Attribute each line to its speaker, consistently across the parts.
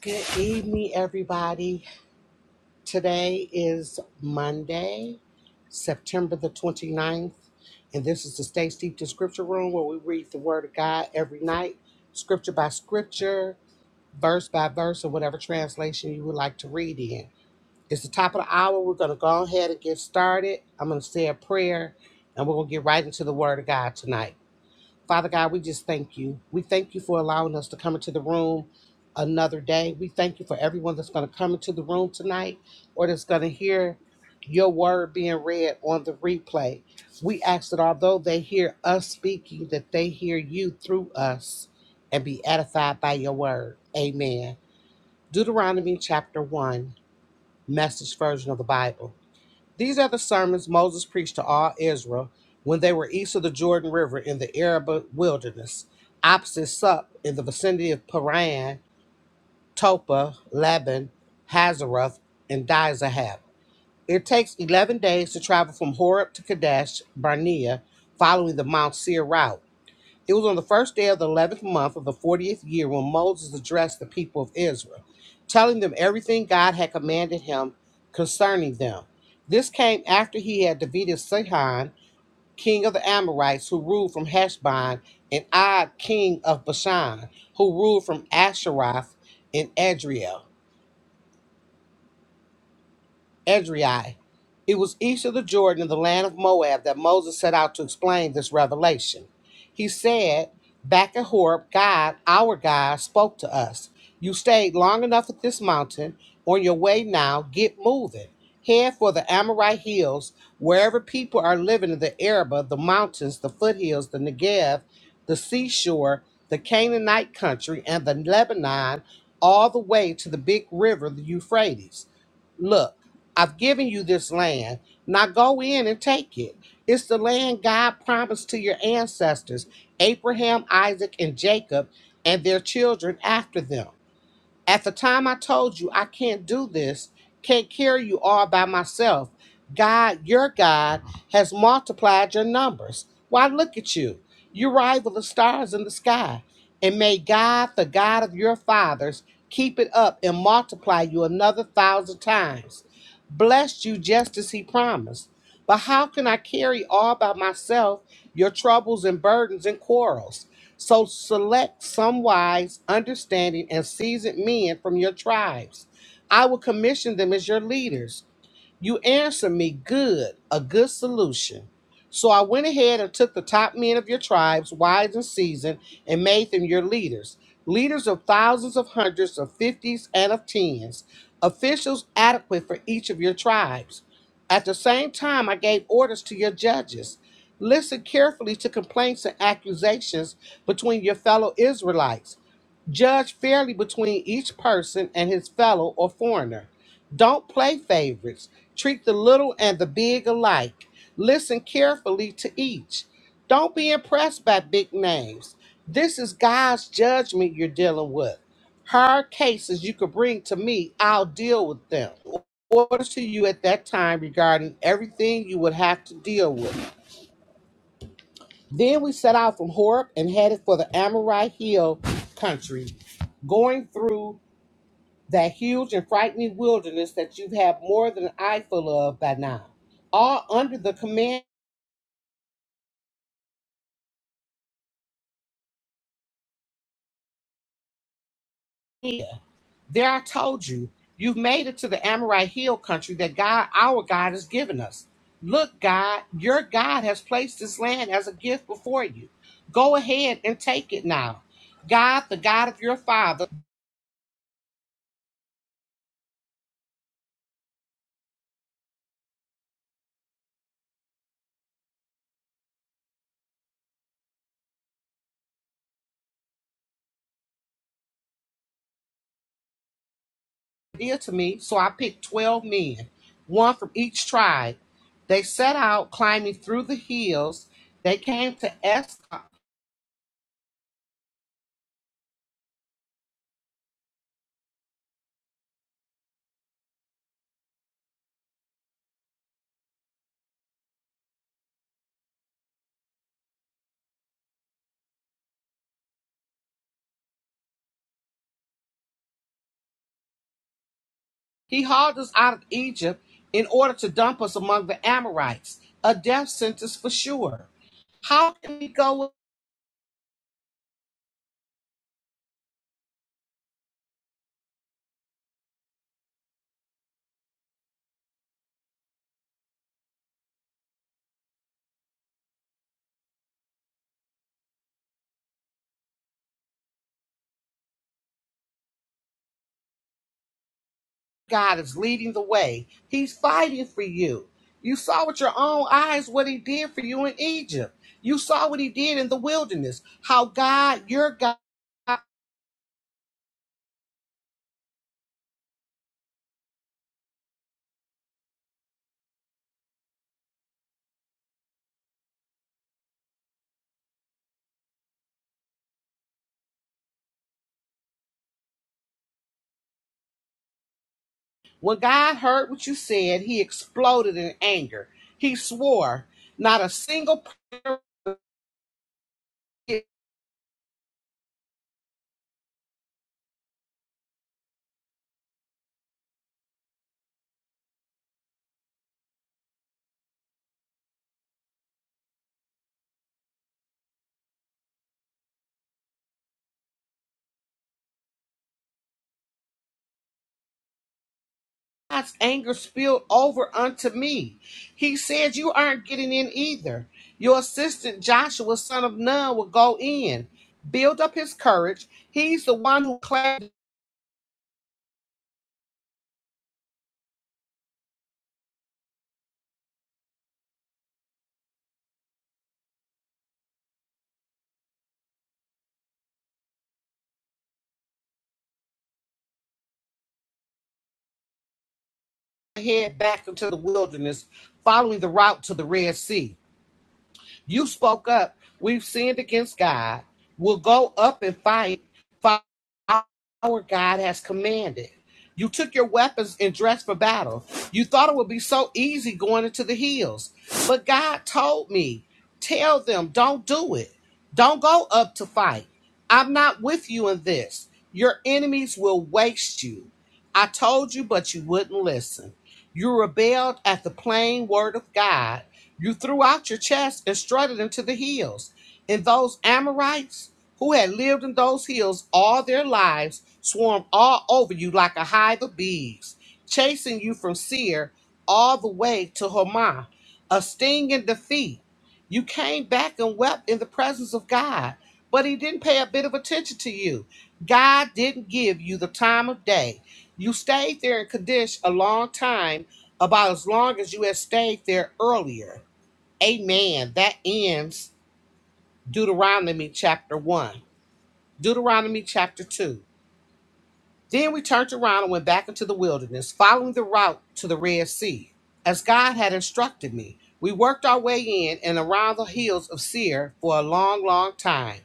Speaker 1: Good evening, everybody. Today is Monday, September the twenty-ninth, and this is the Stay Steeped in Scripture Room where we read the Word of God every night, scripture by scripture, verse by verse, or whatever translation you would like to read in. It's the top of the hour. We're going to go ahead and get started. I'm going to say a prayer, and we're going to get right into the Word of God tonight. Father God, we just thank you. We thank you for allowing us to come into the room another day. We thank you for everyone that's going to come into the room tonight or that's going to hear your word being read on the replay. We ask that although they hear us speaking, that they hear you through us and be edified by your word. Amen. Deuteronomy chapter 1, message version of the Bible. These are the sermons Moses preached to all Israel when they were east of the Jordan River in the Arab wilderness, opposite Sup in the vicinity of Paran, Topa, Laban, Hazeroth, and Dizahab. It takes 11 days to travel from Horeb to Kadesh, Barnea, following the Mount Seir route. It was on the first day of the 11th month of the 40th year when Moses addressed the people of Israel, telling them everything God had commanded him concerning them. This came after he had defeated Sihon, king of the Amorites, who ruled from Heshbon, and Og, king of Bashan, who ruled from Asheroth and Adriel. Edrei. It was east of the Jordan in the land of Moab that Moses set out to explain this revelation. He said, Back at Horeb, God, our God, spoke to us. You stayed long enough at this mountain. On your way now, get moving. Head for the Amorite hills, wherever people are living in the Arabah, the mountains, the foothills, the Negev, the seashore, the Canaanite country, and the Lebanon, all the way to the big river, the Euphrates. Look, I've given you this land. Now go in and take it. It's the land God promised to your ancestors, Abraham, Isaac, and Jacob, and their children after them. At the time I told you, I can't do this, can't carry you all by myself. God, your God, has multiplied your numbers. Why, look at you. You rival the stars in the sky. And may God, the God of your fathers, keep it up and multiply you another thousand times. Blessed you just as he promised. But how can I carry all by myself your troubles and burdens and quarrels? So select some wise, understanding, and seasoned men from your tribes. I will commission them as your leaders you answered me good, a good solution. So I went ahead and took the top men of your tribes, wise and seasoned, and made them your leaders, leaders of thousands of hundreds, of fifties, and of tens, officials adequate for each of your tribes. At the same time, I gave orders to your judges. Listen carefully to complaints and accusations between your fellow Israelites. Judge fairly between each person and his fellow or foreigner. Don't play favorites. Treat the little and the big alike. Listen carefully to each. Don't be impressed by big names. This is God's judgment you're dealing with. Hard cases you could bring to me, I'll deal with them. Orders to you at that time regarding everything you would have to deal with. Then we set out from Horeb and headed for the Amorite Hill country, going through that huge and frightening wilderness that you've had more than an eye full of by now, all under the command. There I told you, you've made it to the Amorite Hill country that God, our God, has given us. Look, God, your God has placed this land as a gift before you. Go ahead and take it now. God, the God of your father, dear to me, so I picked 12 men, one from each tribe. They set out climbing through the hills. They came to Escol He hauled us out of Egypt in order to dump us among the Amorites, a death sentence for sure. How can we go where God is leading the way? He's fighting for you. You saw with your own eyes what he did for you in Egypt. You saw what he did in the wilderness. How God, your God, when God heard what you said, he exploded in anger. He swore, Not a single person God's anger spilled over unto me. He said, You aren't getting in either. Your assistant Joshua, son of Nun, will go in. Build up his courage. He's the one who claimed to head back into the wilderness, following the route to the Red Sea. You spoke up. We've sinned against God. We'll go up and fight. Fight Our God has commanded. You took your weapons and dressed for battle. You thought it would be so easy going into the hills. But God told me, tell them, don't do it. Don't go up to fight. I'm not with you in this. Your enemies will waste you. I told you, but you wouldn't listen. You rebelled at the plain word of God. You threw out your chest and strutted into the hills. And those Amorites? who had lived in those hills all their lives, swarmed all over you like a hive of bees, chasing you from Seir all the way to Hormah, a sting and defeat. You came back and wept in the presence of God, but He didn't pay a bit of attention to you. God didn't give you the time of day. You stayed there in Kadesh a long time, about as long as you had stayed there earlier. Amen. That ends Deuteronomy chapter 1. Deuteronomy chapter 2. Then we turned around and went back into the wilderness, following the route to the Red Sea. As God had instructed me, we worked our way in and around the hills of Seir for a long, long time.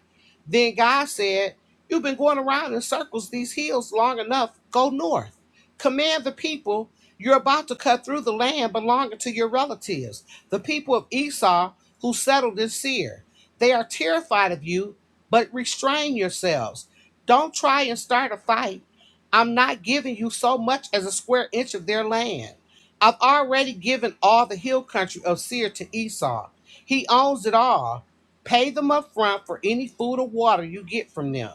Speaker 1: Then God said, You've been going around in circles these hills long enough. Go north. Command the people. You're about to cut through the land belonging to your relatives, the people of Esau who settled in Seir. They are terrified of you, but restrain yourselves. Don't try and start a fight. I'm not giving you so much as a square inch of their land. I've already given all the hill country of Seir to Esau. He owns it all. Pay them up front for any food or water you get from them.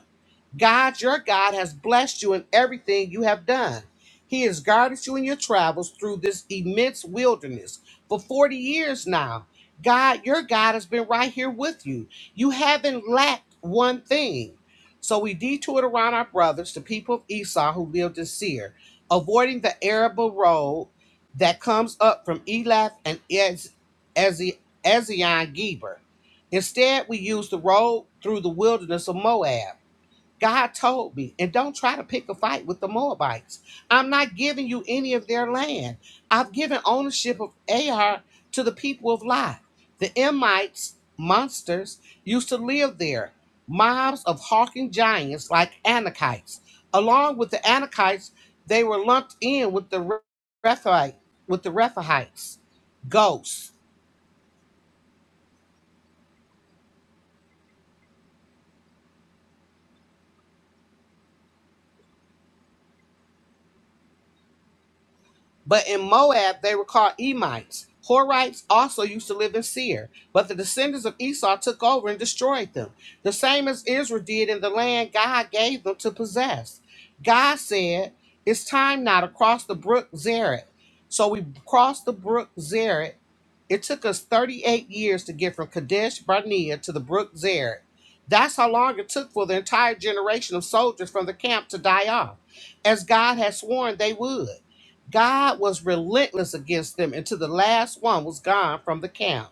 Speaker 1: God, your God, has blessed you in everything you have done. He has guarded you in your travels through this immense wilderness for 40 years now. God, your God, has been right here with you. You haven't lacked one thing. So we detoured around our brothers, the people of Esau who lived in Seir, avoiding the arable road that comes up from Elath and Ez- Ezi- Ezion Geber. Instead, we used the road through the wilderness of Moab. God told me, and don't try to pick a fight with the Moabites. I'm not giving you any of their land. I've given ownership of Ar to the people of Lot. The Emites, monsters, used to live there, mobs of hawking giants like Anakites. Along with the Anakites, they were lumped in with the Re- Rephaite, with the Rephaites, ghosts. But in Moab, they were called Emites. Horites also used to live in Seir, but the descendants of Esau took over and destroyed them, the same as Israel did in the land God gave them to possess. God said, It's time now to cross the brook Zered. So we crossed the brook Zered. It took us 38 years to get from Kadesh Barnea to the brook Zered. That's how long it took for the entire generation of soldiers from the camp to die off, as God had sworn they would. God was relentless against them until the last one was gone from the camp.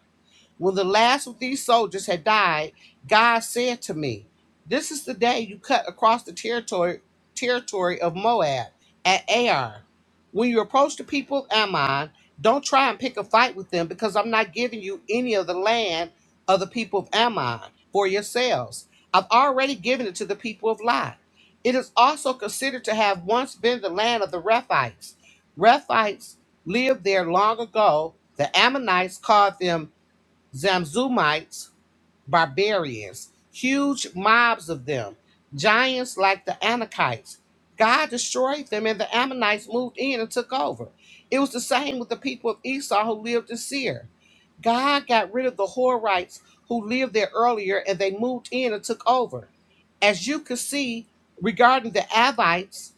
Speaker 1: When the last of these soldiers had died, God said to me, This is the day you cut across the territory territory of Moab at Ar. When you approach the people of Ammon, don't try and pick a fight with them because I'm not giving you any of the land of the people of Ammon for yourselves. I've already given it to the people of Lot. It is also considered to have once been the land of the Rephites. Rephites lived there long ago. The Ammonites called them Zamzumites, barbarians, huge mobs of them, giants like the Anakites. God destroyed them, and the Ammonites moved in and took over. It was the same with the people of Esau who lived in Seir. God got rid of the Horites who lived there earlier, and they moved in and took over. As you can see regarding the Avites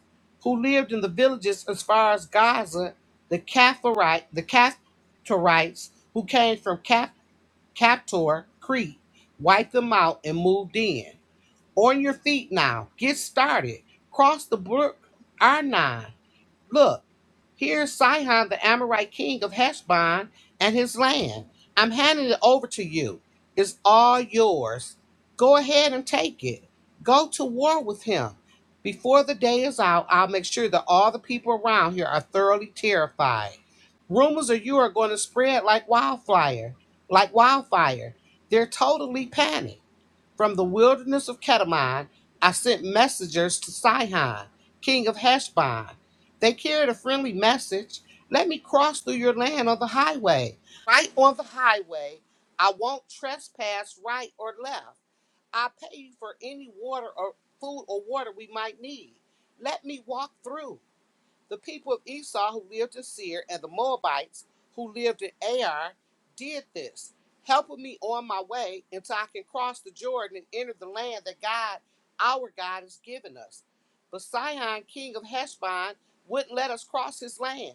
Speaker 1: who lived in the villages as far as Gaza, the Kaphirite, the Kaphtorites who came from Kaphar Captor, Crete, wiped them out and moved in. On your feet now. Get started. Cross the brook, R9. Look, here's Sihon, the Amorite king of Heshbon, and his land. I'm handing it over to you. It's all yours. Go ahead and take it. Go to war with him. Before the day is out, I'll make sure that all the people around here are thoroughly terrified. Rumors of you are going to spread like wildfire, like wildfire. They're totally panicked. From the wilderness of Ketamon, I sent messengers to Sihon, king of Heshbon. They carried a friendly message. Let me cross through your land on the highway. Right on the highway, I won't trespass right or left. I'll pay you for any water or food or water we might need. Let me walk through. The people of Esau who lived in Seir and the Moabites who lived in Ar did this, helping me on my way until I can cross the Jordan and enter the land that God, our God, has given us. But Sihon, king of Heshbon, wouldn't let us cross his land.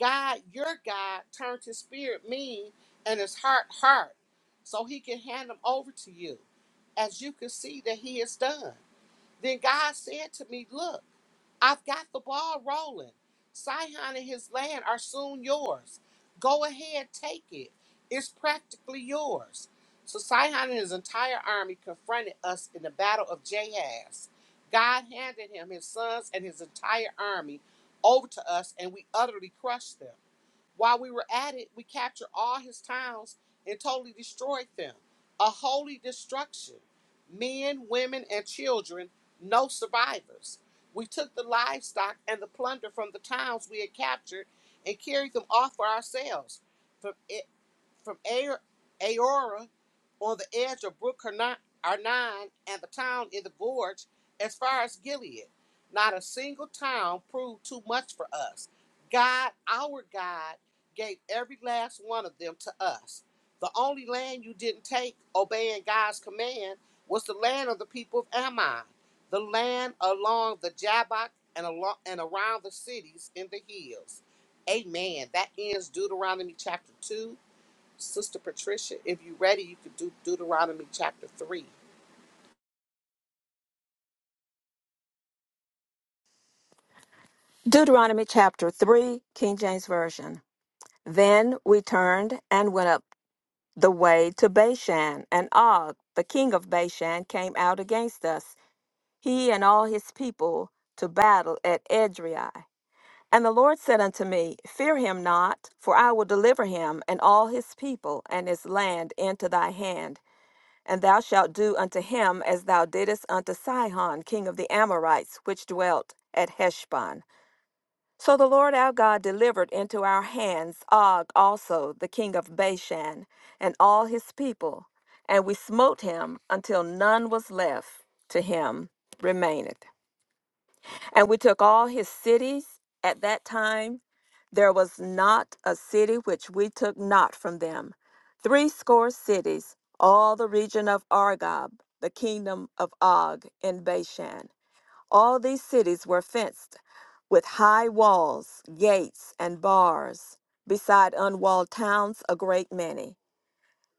Speaker 1: God, your God, turned his spirit mean and his heart hard, so he can hand them over to you, as you can see that he has done. Then God said to me, Look, I've got the ball rolling. Sihon and his land are soon yours. Go ahead, take it. It's practically yours. So Sihon and his entire army confronted us in the battle of Jahaz. God handed him his sons and his entire army over to us, and we utterly crushed them. While we were at it, we captured all his towns and totally destroyed them. A holy destruction. Men, women, and children, no survivors. We took the livestock and the plunder from the towns we had captured and carried them off for ourselves. From from A- Aora on the edge of Brook Arnon and the town in the gorge as far as Gilead. Not a single town proved too much for us. God, our God, gave every last one of them to us. The only land you didn't take, obeying God's command, was the land of the people of Ammon, the land along the Jabbok and, along, and around the cities in the hills. Amen. That ends Deuteronomy chapter 2. Sister Patricia, if you're ready, you could do Deuteronomy chapter 3.
Speaker 2: Deuteronomy chapter 3, King James Version. Then we turned and went up the way to Bashan, and Og, the king of Bashan, came out against us, he and all his people, to battle at Edrei. And the Lord said unto me, Fear him not, for I will deliver him and all his people and his land into thy hand. And thou shalt do unto him as thou didst unto Sihon, king of the Amorites, which dwelt at Heshbon. So the Lord our God delivered into our hands Og also, the king of Bashan, and all his people, and we smote him until none was left to him remaineth. And we took all his cities at that time. There was not a city which we took not from them. Threescore cities, all the region of Argob, the kingdom of Og in Bashan. All these cities were fenced with high walls, gates, and bars, beside unwalled towns a great many.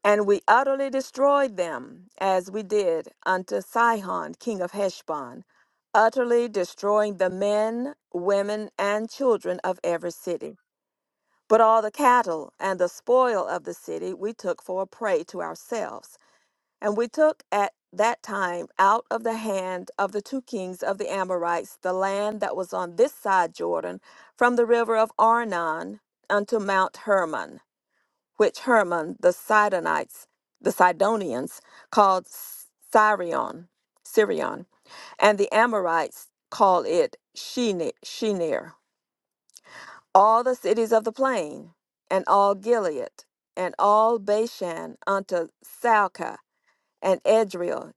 Speaker 2: And we utterly destroyed them, as we did unto Sihon, king of Heshbon, utterly destroying the men, women, and children of every city. But all the cattle and the spoil of the city we took for a prey to ourselves and we took at that time out of the hand of the two kings of the Amorites the land that was on this side Jordan, from the river of Arnon unto Mount Hermon, which Hermon the Sidonites, the Sidonians called Sirion, Sirion, and the Amorites call it Shene- Shenir. All the cities of the plain, and all Gilead, and all Bashan unto Salca, and Edrei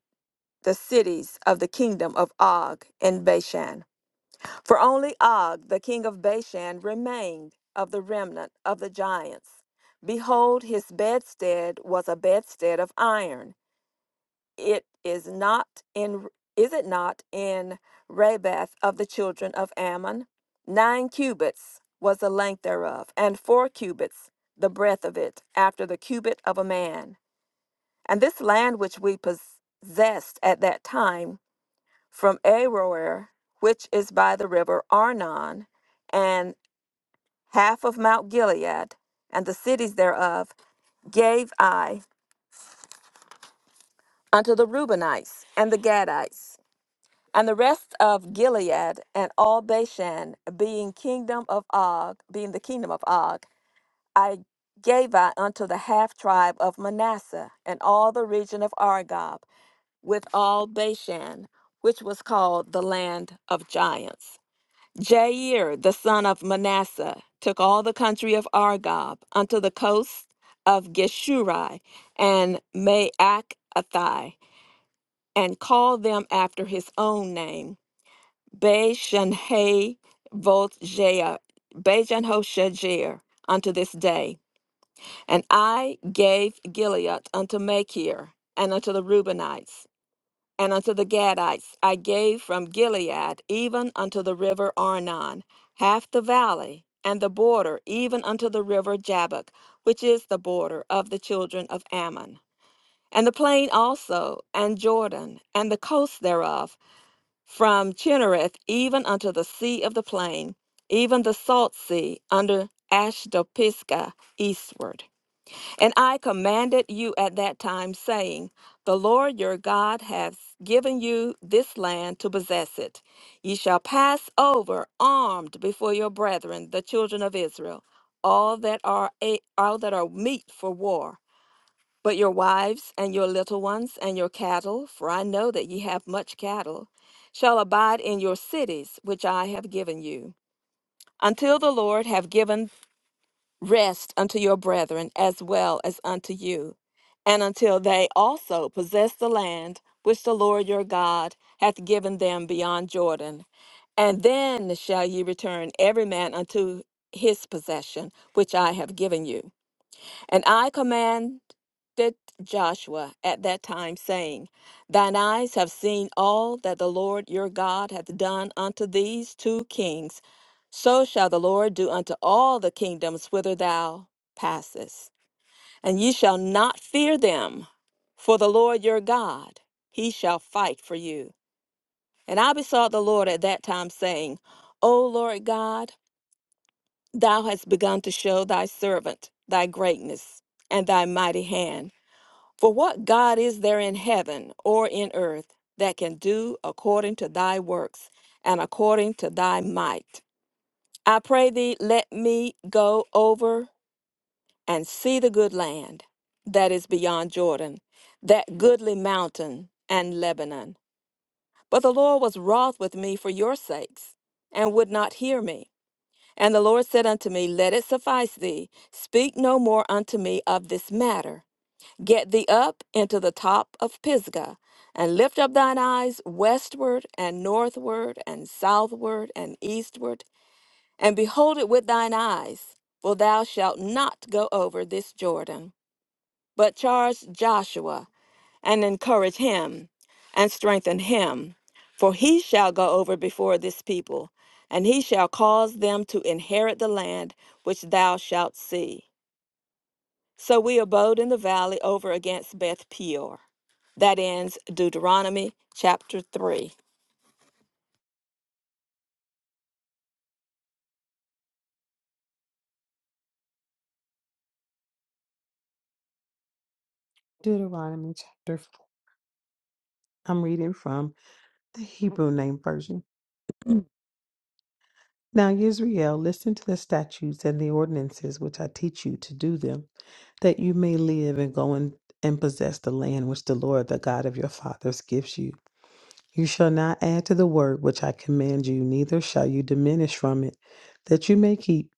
Speaker 2: the cities of the kingdom of Og and Bashan. For only Og, the king of Bashan, remained of the remnant of the giants. Behold, his bedstead was a bedstead of iron. It is not in is it not in Rabath of the children of Ammon? Nine cubits was the length thereof, and four cubits the breadth of it, after the cubit of a man. And this land which we possessed at that time from Aroer, which is by the river Arnon, and half of Mount Gilead, and the cities thereof, gave I unto the Reubenites and the Gadites, and the rest of Gilead and all Bashan, being kingdom of Og, being the kingdom of Og, I gave I unto the half tribe of Manasseh, and all the region of Argob, with all Bashan, which was called the land of giants. Jair, the son of Manasseh, took all the country of Argob unto the coast of Geshuri and Maacathi, and called them after his own name, Bajanhay Bajanhoshajer, unto this day. And I gave Gilead unto Machir and unto the Reubenites and unto the Gadites I gave from Gilead even unto the river Arnon, half the valley, and the border even unto the river Jabbok, which is the border of the children of Ammon, and the plain also, and Jordan, and the coast thereof, from Chinnereth even unto the sea of the plain, even the salt sea under Ashdopisgah eastward. And I commanded you at that time, saying, The Lord your God hath given you this land to possess it. Ye shall pass over armed before your brethren, the children of Israel, all that are a, all that are meet for war. But your wives and your little ones and your cattle, for I know that ye have much cattle, shall abide in your cities, which I have given you, until the Lord have given Rest unto your brethren as well as unto you, and until they also possess the land which the Lord your God hath given them beyond Jordan. And then shall ye return every man unto his possession, which I have given you. And I command did Joshua at that time, saying, Thine eyes have seen all that the Lord your God hath done unto these two kings. So shall the Lord do unto all the kingdoms whither thou passest. And ye shall not fear them, for the Lord your God, he shall fight for you. And I besought the Lord at that time, saying, O Lord God, thou hast begun to show thy servant thy greatness and thy mighty hand. For what God is there in heaven or in earth that can do according to thy works and according to thy might? I pray thee, let me go over and see the good land that is beyond Jordan, that goodly mountain and Lebanon. But the Lord was wroth with me for your sakes, and would not hear me. And the Lord said unto me, Let it suffice thee, speak no more unto me of this matter. Get thee up into the top of Pisgah, and lift up thine eyes westward and northward and southward and eastward, and behold it with thine eyes, for thou shalt not go over this Jordan. But charge Joshua, and encourage him, and strengthen him, for he shall go over before this people, and he shall cause them to inherit the land which thou shalt see. So we abode in the valley over against Beth Peor. That ends Deuteronomy chapter 3.
Speaker 3: Deuteronomy chapter 4. I'm reading from the Hebrew name version. Now, Israel, listen to the statutes and the ordinances which I teach you to do them, that you may live and go in, and possess the land which the Lord, the God of your fathers, gives you. You shall not add to the word which I command you, neither shall you diminish from it, that you may keep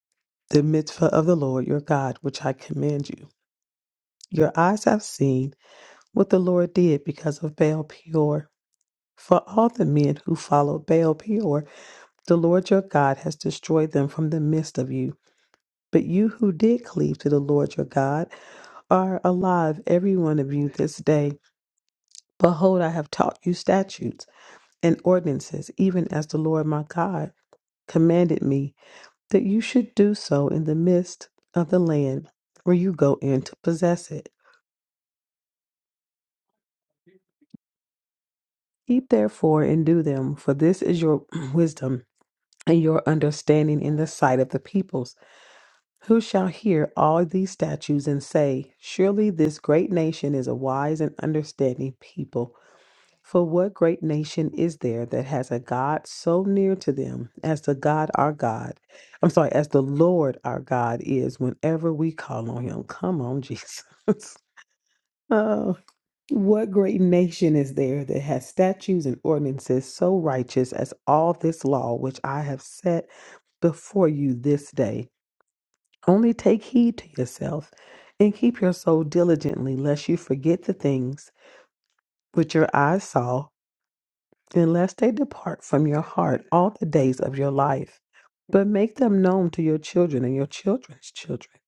Speaker 3: the mitzvah of the Lord your God, which I command you. Your eyes have seen what the Lord did because of Baal Peor For all the men who followed Baal Peor, the Lord your God has destroyed them from the midst of you. But you who did cleave to the Lord your God are alive, every one of you, this day. Behold, I have taught you statutes and ordinances, even as the Lord my God commanded me, that you should do so in the midst of the land where you go in to possess it. Keep therefore and do them, for this is your wisdom and your understanding in the sight of the peoples Who shall hear all these statutes and say, Surely this great nation is a wise and understanding people? For what great nation is there that has a God so near to them as the God our God? I'm sorry, as the Lord our God is whenever we call on him. Come on, Jesus. oh, what great nation is there that has statutes and ordinances so righteous as all this law which I have set before you this day? Only take heed to yourself and keep your soul diligently, lest you forget the things which your eyes saw, and lest they depart from your heart all the days of your life. But make them known to your children and your children's children.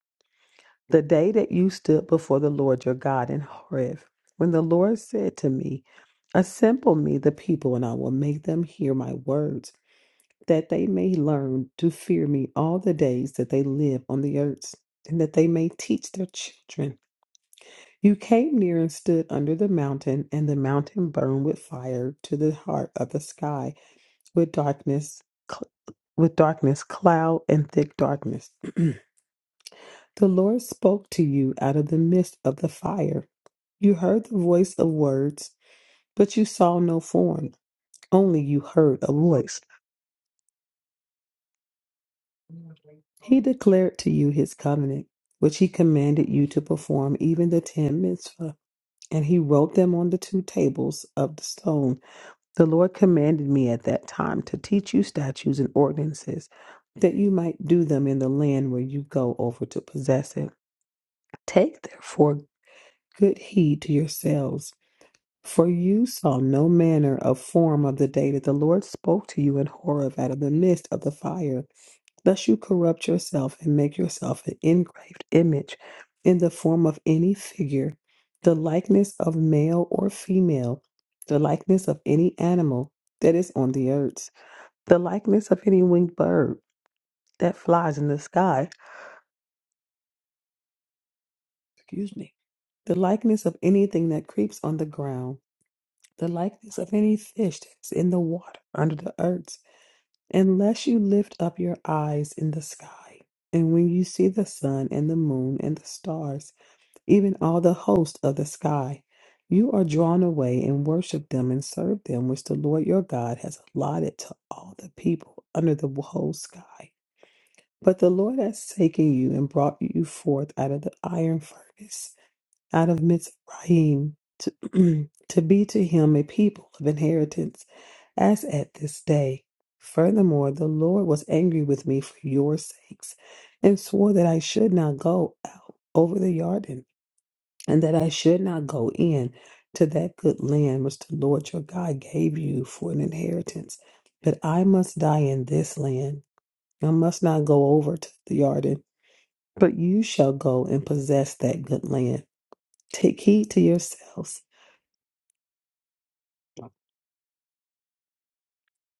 Speaker 3: The day that you stood before the Lord your God in Horeb, when the Lord said to me, Assemble me the people, and I will make them hear my words, that they may learn to fear me all the days that they live on the earth, and that they may teach their children. You came near and stood under the mountain, and the mountain burned with fire to the heart of the sky, with darkness, cl- with darkness, cloud, and thick darkness. The Lord spoke to you out of the midst of the fire. You heard the voice of words, but you saw no form. Only you heard a voice. He declared to you his covenant, which he commanded you to perform, even the ten mitzvah, and he wrote them on the two tables of the stone The Lord commanded me at that time to teach you statutes and ordinances, that you might do them in the land where you go over to possess it. Take therefore good heed to yourselves, for you saw no manner of form of the day that the Lord spoke to you in Horeb out of the midst of the fire. Thus you corrupt yourself and make yourself an engraved image in the form of any figure, the likeness of male or female, the likeness of any animal that is on the earth, the likeness of any winged bird that flies in the sky, excuse me, the likeness of anything that creeps on the ground, the likeness of any fish that's in the water under the earth, unless you lift up your eyes in the sky. And when you see the sun and the moon and the stars, even all the host of the sky. You are drawn away and worship them and serve them, which the Lord your God has allotted to all the people under the whole sky. But the Lord has taken you and brought you forth out of the iron furnace, out of Mizraim, to, to be to him a people of inheritance, as at this day. Furthermore, the Lord was angry with me for your sakes, and swore that I should not go out over the Yarden and that I should not go in to that good land which the Lord your God gave you for an inheritance, but I must die in this land. I must not go over to the Jordan, but you shall go and possess that good land. Take heed to yourselves,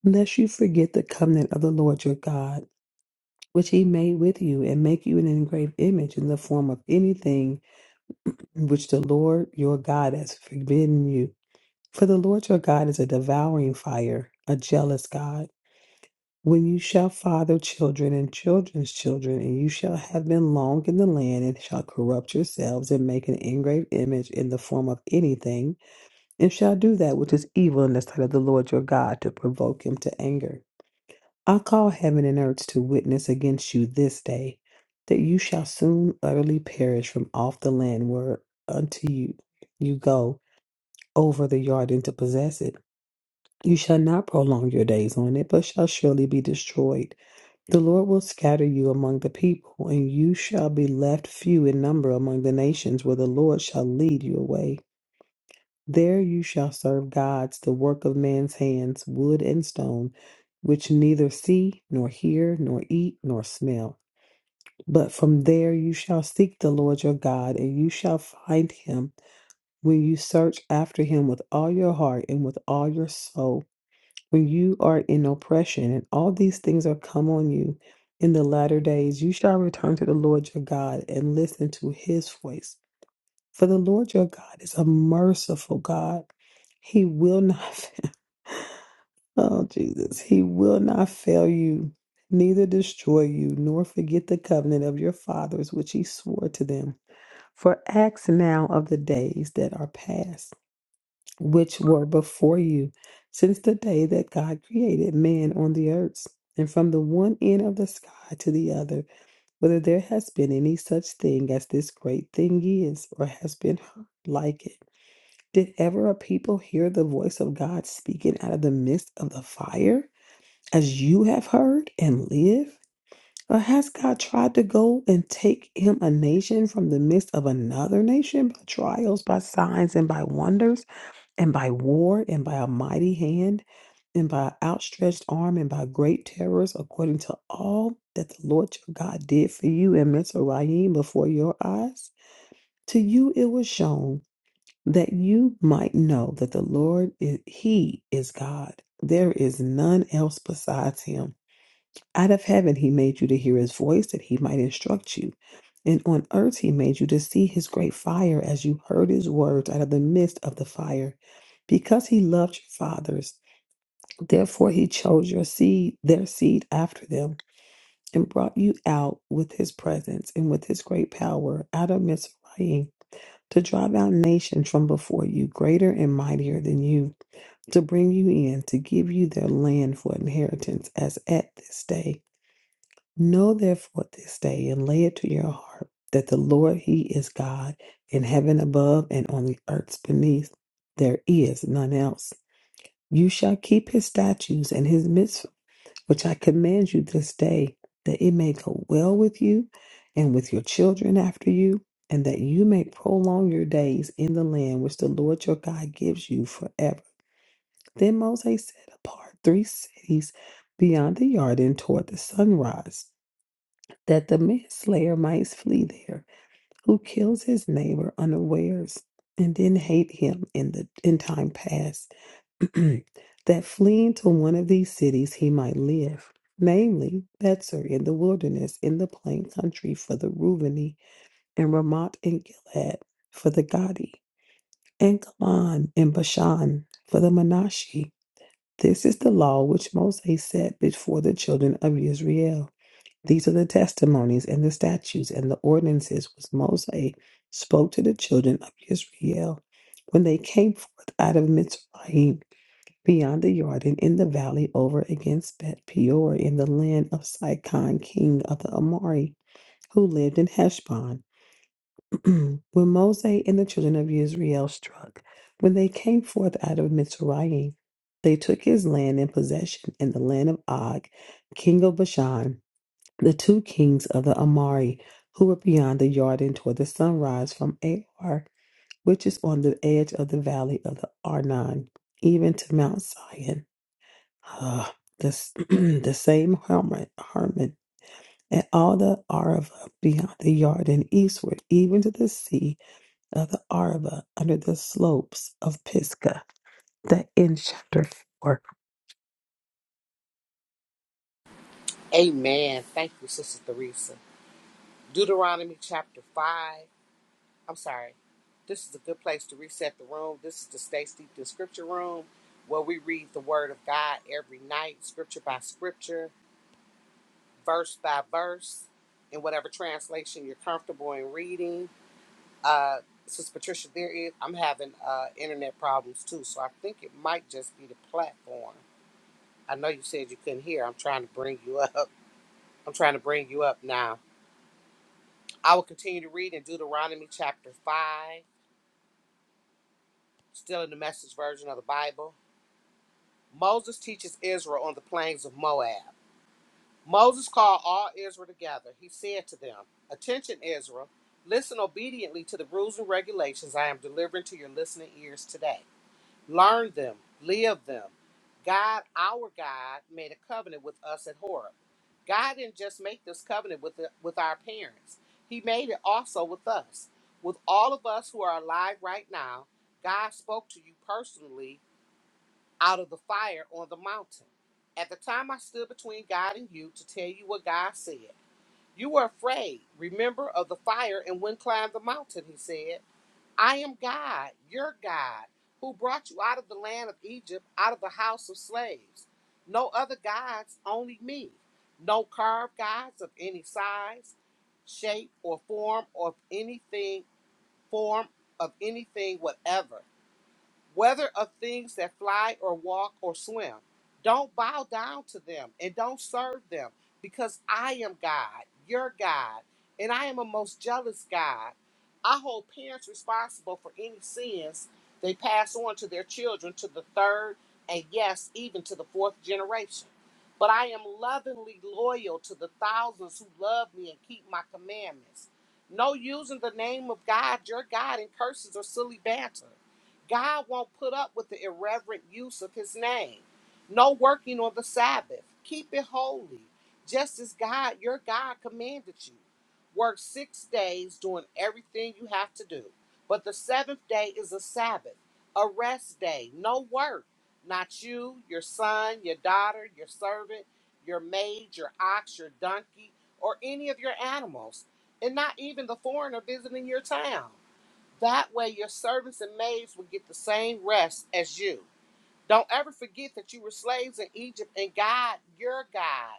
Speaker 3: lest you forget the covenant of the Lord your God, which he made with you, and make you an engraved image in the form of anything which the Lord your God has forbidden you. For the Lord your God is a devouring fire, a jealous God. When you shall father children and children's children, and you shall have been long in the land, and shall corrupt yourselves, and make an engraved image in the form of anything, and shall do that which is evil in the sight of the Lord your God to provoke him to anger. I call heaven and earth to witness against you this day, that you shall soon utterly perish from off the land where unto you you go over the Jordan to possess it. You shall not prolong your days on it, but shall surely be destroyed. The Lord will scatter you among the people, and you shall be left few in number among the nations where the Lord shall lead you away. There you shall serve gods, the work of man's hands, wood and stone, which neither see, nor hear, nor eat, nor smell. But from there you shall seek the Lord your God, and you shall find him when you search after him with all your heart and with all your soul. When you are in oppression, and all these things are come on you in the latter days. You shall return to the Lord your God and listen to his voice. For the Lord your God is a merciful God. He will not, oh Jesus, he will not fail you, neither destroy you, nor forget the covenant of your fathers, which he swore to them. For ask now of the days that are past which were before you, since the day that God created man on the earth, and from the one end of the sky to the other, whether there has been any such thing as this great thing is, or has been heard like it. Did ever a people hear the voice of God speaking out of the midst of the fire, as you have heard, and live? Or has God tried to go and take him a nation from the midst of another nation by trials, by signs, and by wonders? And by war, and by a mighty hand, and by outstretched arm, and by great terrors, according to all that the Lord your God did for you in Mizraim before your eyes, to you it was shown that you might know that the Lord is He is God. There is none else besides Him. Out of heaven he made you to hear his voice that he might instruct you. And on earth he made you to see his great fire as you heard his words out of the midst of the fire. Because he loved your fathers, therefore he chose your seed, their seed after them, and brought you out with his presence and with his great power out of Mizraim to drive out nations from before you, greater and mightier than you, to bring you in, to give you their land for inheritance, as at this day. Know therefore this day and lay it to your heart that the Lord He is God in heaven above and on the earth beneath. There is none else. You shall keep His statutes and His mitzvah, which I command you this day, that it may go well with you and with your children after you, and that you may prolong your days in the land which the Lord your God gives you forever. Then Moses set apart three cities beyond the Jordan toward the sunrise that the manslayer might flee there, who kills his neighbor unawares, and then hate him in the in time past, that fleeing to one of these cities he might live, namely Betzer in the wilderness, in the plain country for the Reubeni, and Ramoth and Gilead for the Gadi, and Golan and Bashan for the Manasseh. This is the law which Moses set before the children of Israel these are the testimonies and the statutes and the ordinances which Moses spoke to the children of Israel when they came forth out of Mitzrayim beyond the Jordan in the valley over against Beth Peor in the land of Sihon, king of the Amori, who lived in Heshbon. when Moses and the children of Israel struck, when they came forth out of Mitzrayim, they took his land in possession in the land of Og, king of Bashan the two kings of the Amari, who were beyond the Jordan toward the sunrise from Ar, which is on the edge of the valley of the Arnon, even to Mount Sion. uh, the this, the same Hermon, Hermon, and all the Arava beyond the Jordan eastward, even to the sea of the Arava under the slopes of Pisgah. That ends chapter 4.
Speaker 1: Amen. Thank you, Sister Theresa. Deuteronomy chapter 5. I'm sorry. This is a good place to reset the room. This is the Stay Steeped in Scripture room where we read the Word of God every night, scripture by scripture, verse by verse, in whatever translation you're comfortable in reading. Uh, Sister Patricia, there is, I'm having uh, internet problems too, so I think it might just be the platform. I know you said you couldn't hear. I'm trying to bring you up. I'm trying to bring you up now. I will continue to read in Deuteronomy chapter 5, still in the message version of the Bible. Moses teaches Israel on the plains of Moab. Moses called all Israel together. He said to them, Attention, Israel, listen obediently to the rules and regulations I am delivering to your listening ears today. learn them, live them. God, our God, made a covenant with us at Horeb. God didn't just make this covenant with, the, with our parents, He made it also with us. With all of us who are alive right now, God spoke to you personally out of the fire on the mountain. At the time I stood between God and you to tell you what God said, you were afraid. Remember of the fire and wouldn't climb the mountain, He said. I am God, your God, who brought you out of the land of Egypt, out of the house of slaves. No other gods, only me. No carved gods of any size, shape, or form or anything, form of anything whatever whether of things that fly or walk or swim. Don't bow down to them and don't serve them, because I am God, your God, and I am a most jealous God. I hold parents responsible for any sins they pass on to their children to the third and yes, even to the fourth generation. But I am lovingly loyal to the thousands who love me and keep my commandments. No using the name of God, your God, in curses or silly banter. God won't put up with the irreverent use of his name. No working on the Sabbath. Keep it holy, just as God, your God, commanded you. Work six days doing everything you have to do. But the seventh day is a Sabbath, a rest day, no work. Not you, your son, your daughter, your servant, your maid, your ox, your donkey, or any of your animals, and not even the foreigner visiting your town. That way, your servants and maids would get the same rest as you. Don't ever forget that you were slaves in Egypt and God, your God,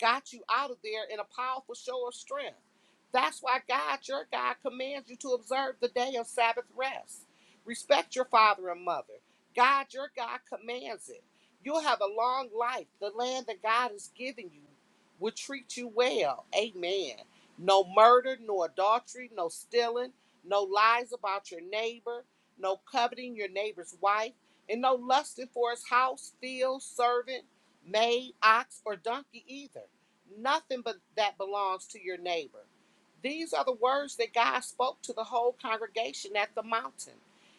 Speaker 1: got you out of there in a powerful show of strength. That's why God, your God, commands you to observe the day of Sabbath rest. Respect your father and mother. God, your God, commands it. You'll have a long life. The land that God is giving you will treat you well. Amen. No murder, no adultery, no stealing, no lies about your neighbor, no coveting your neighbor's wife, and no lusting for his house, field, servant May, ox, or donkey either. Nothing but that belongs to your neighbor. These are the words that God spoke to the whole congregation at the mountain.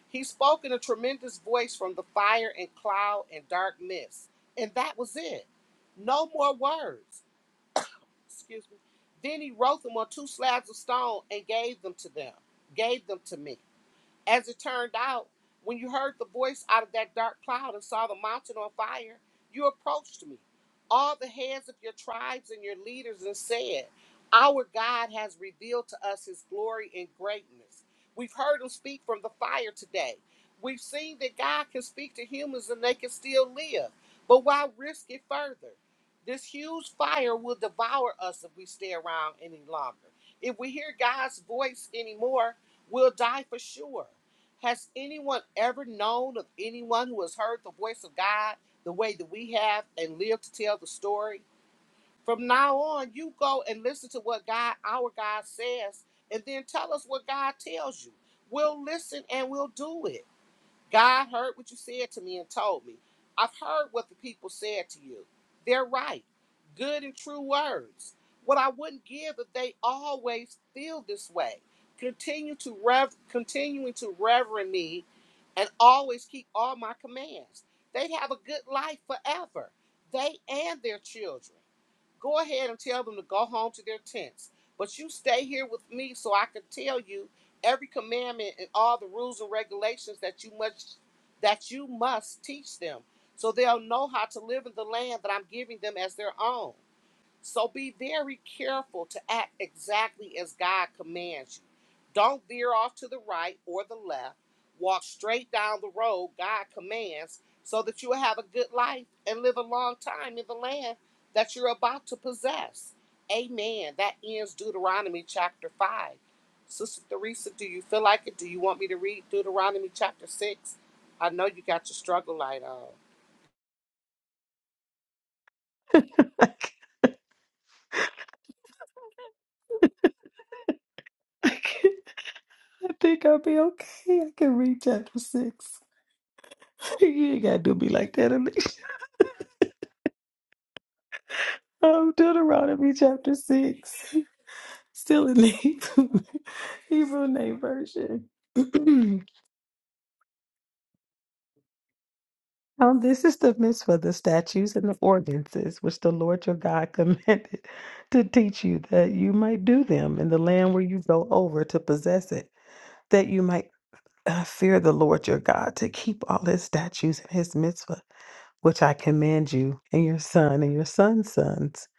Speaker 1: He spoke in a tremendous voice from the fire and cloud and dark mist. And that was it. No more words. Excuse me. Then he wrote them on two slabs of stone and gave them to them, gave them to me. As it turned out, when you heard the voice out of that dark cloud and saw the mountain on fire, you approached me, all the heads of your tribes and your leaders, and said, Our God has revealed to us his glory and greatness. We've heard him speak from the fire today. We've seen that God can speak to humans and they can still live. But why risk it further? This huge fire will devour us if we stay around any longer. If we hear God's voice anymore, will die for sure. Has anyone ever known of anyone who has heard the voice of God the way that we have and lived to tell the story? From now on, you go and listen to what God, our God, says, and then tell us what God tells you. We'll listen and we'll do it. God heard what you said to me and told me. I've heard what the people said to you. They're right. Good and true words. What I wouldn't give if they always feel this way. Continue to rev continuing to reverend me and always keep all my commands. They'd have a good life forever. They and their children. Go ahead and tell them to go home to their tents. But you stay here with me so I can tell you every commandment and all the rules and regulations that you must that you must teach them so they'll know how to live in the land that I'm giving them as their own. So be very careful to act exactly as God commands you. Don't veer off to the right or the left. Walk straight down the road God commands so that you will have a good life and live a long time in the land that you're about to possess. Amen. That ends Deuteronomy chapter 5. Sister Theresa, do you feel like it? Do you want me to read Deuteronomy chapter 6? I know you got your struggle light on.
Speaker 3: I, can, I think I'll be okay. I can read chapter 6. You ain't gotta do me like that, Alicia. Um, Deuteronomy chapter six, still in the Hebrew name version. Um, this is the mitzvah, the statutes and the ordinances which the Lord your God commanded to teach you, that you might do them in the land where you go over to possess it, that you might uh, fear the Lord your God, to keep all his statutes and his mitzvah, which I command you, and your son and your son's sons,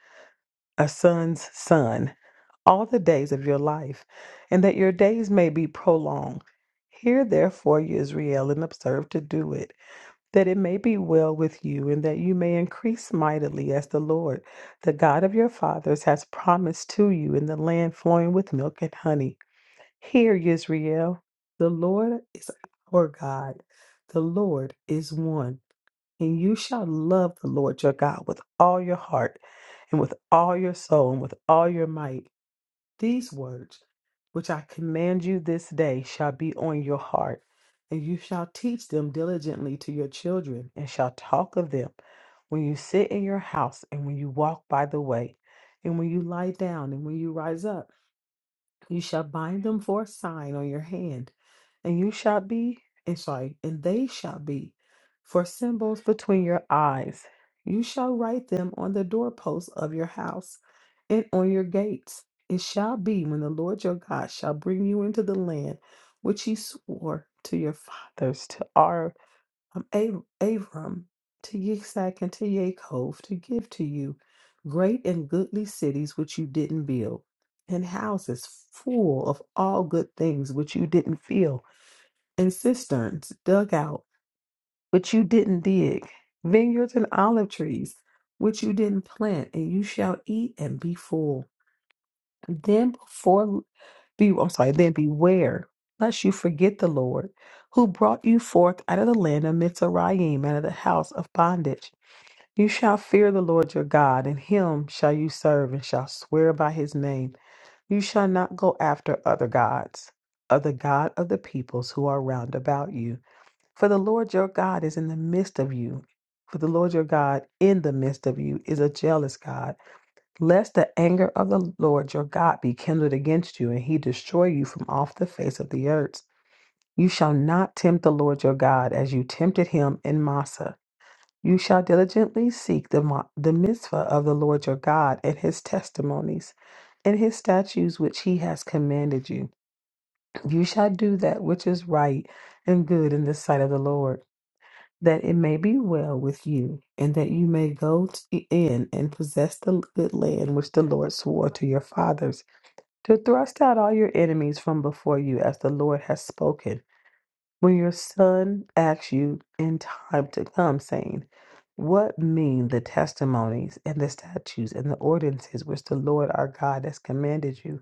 Speaker 3: a son's son all the days of your life, and that your days may be prolonged. Hear therefore, you Israel, and observe to do it, that it may be well with you, and that you may increase mightily as the Lord, the God of your fathers, has promised to you in the land flowing with milk and honey. Hear, Israel, the Lord is our God, the Lord is one, and you shall love the Lord your God with all your heart, and with all your soul, and with all your might. These words, which I command you this day, shall be on your heart, and you shall teach them diligently to your children, and shall talk of them when you sit in your house, and when you walk by the way, and when you lie down, and when you rise up. You shall bind them for a sign on your hand, and you shall be, and sorry, and they shall be for symbols between your eyes. You shall write them on the doorposts of your house and on your gates. It shall be when the Lord your God shall bring you into the land which he swore to your fathers to our um, Ab- Abram to Yitzhak and to Yaakov to give to you great and goodly cities which you didn't build, and houses full of all good things which you didn't fill, and cisterns dug out which you didn't dig, vineyards and olive trees which you didn't plant, and you shall eat and be full. Then before be I'm sorry, then beware lest you forget the Lord, who brought you forth out of the land of Mizraim, out of the house of bondage. You shall fear the Lord your God, and him shall you serve, and shall swear by his name. You shall not go after other gods, of the God of the peoples who are round about you. For the Lord your God is in the midst of you. For the Lord your God in the midst of you is a jealous God lest the anger of the Lord your God be kindled against you, and he destroy you from off the face of the earth. You shall not tempt the Lord your God as you tempted him in Massa. You shall diligently seek the, mo- the mitzvah of the Lord your God and his testimonies and his statutes which he has commanded you. You shall do that which is right and good in the sight of the Lord that it may be well with you, and that you may go t- in and possess the good land which the Lord swore to your fathers, to thrust out all your enemies from before you, as the Lord has spoken. When your son asks you in time to come, saying, What mean the testimonies and the statutes and the ordinances which the Lord our God has commanded you?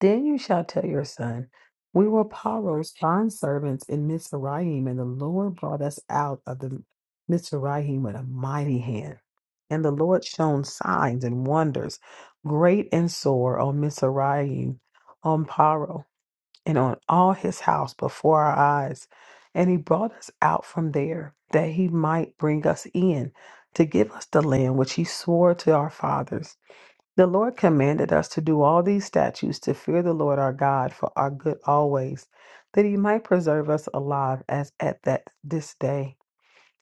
Speaker 3: Then you shall tell your son, We were Paro's bondservants in Mizraim, and the Lord brought us out of the Mizraim with a mighty hand. And the Lord shone signs and wonders, great and sore, on Mizraim, on Paro, and on all his house before our eyes. And he brought us out from there, that he might bring us in to give us the land which he swore to our fathers. The Lord commanded us to do all these statutes to fear the Lord our God for our good always, that he might preserve us alive as at that this day.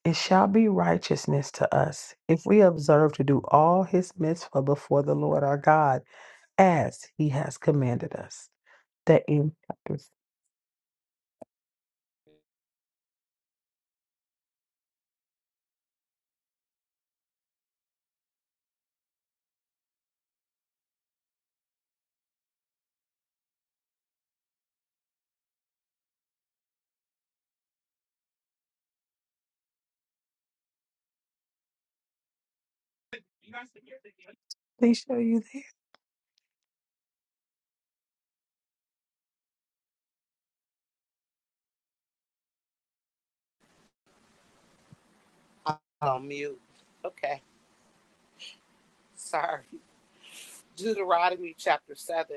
Speaker 3: It shall be righteousness to us if we observe to do all his mitzvah before the Lord our God, as he has commanded us. The end chapter. Alicia, are you there?
Speaker 1: On mute. Okay. Sorry. Deuteronomy chapter 7,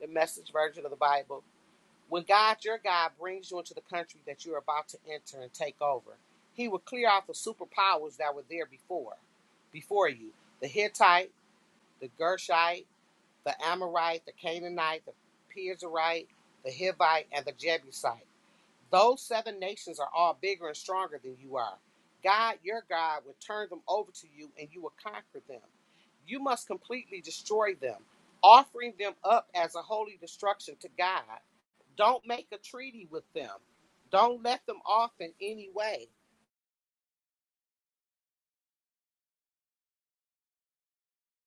Speaker 1: the message version of the Bible. When God, your God, brings you into the country that you're about to enter and take over, he will clear out the superpowers that were there before, before you. The Hittite, the Gershite, the Amorite, the Canaanite, the Perizzite, the Hivite, and the Jebusite. Those seven nations are all bigger and stronger than you are. God, your God, will turn them over to you and you will conquer them. You must completely destroy them, offering them up as a holy destruction to God. Don't make a treaty with them. Don't let them off in any way.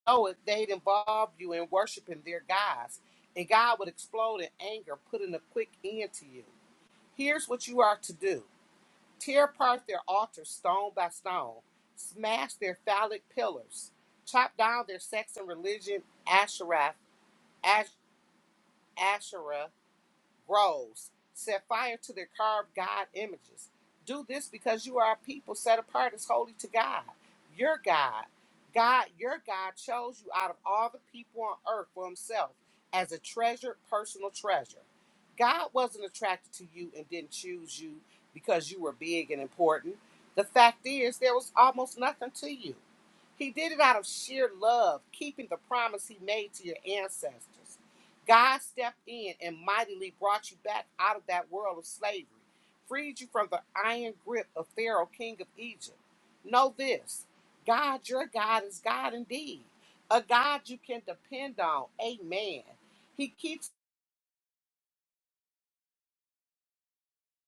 Speaker 1: Oh, if they'd involve you in worshiping their gods, and God would explode in anger, putting a quick end to you. Here's what you are to do tear apart their altars stone by stone, smash their phallic pillars, chop down their sects and religion Asherah, Ash, Asherah rose, set fire to their carved God images. Do this because you are a people set apart as holy to God, your God. God, your God, chose you out of all the people on earth for himself as a treasured personal treasure. God wasn't attracted to you and didn't choose you because you were big and important. The fact is, there was almost nothing to you. He did it out of sheer love, keeping the promise he made to your ancestors. God stepped in and mightily brought you back out of that world of slavery, freed you from the iron grip of Pharaoh, king of Egypt. Know this God, your God, is God indeed, a God you can depend on. Amen. He keeps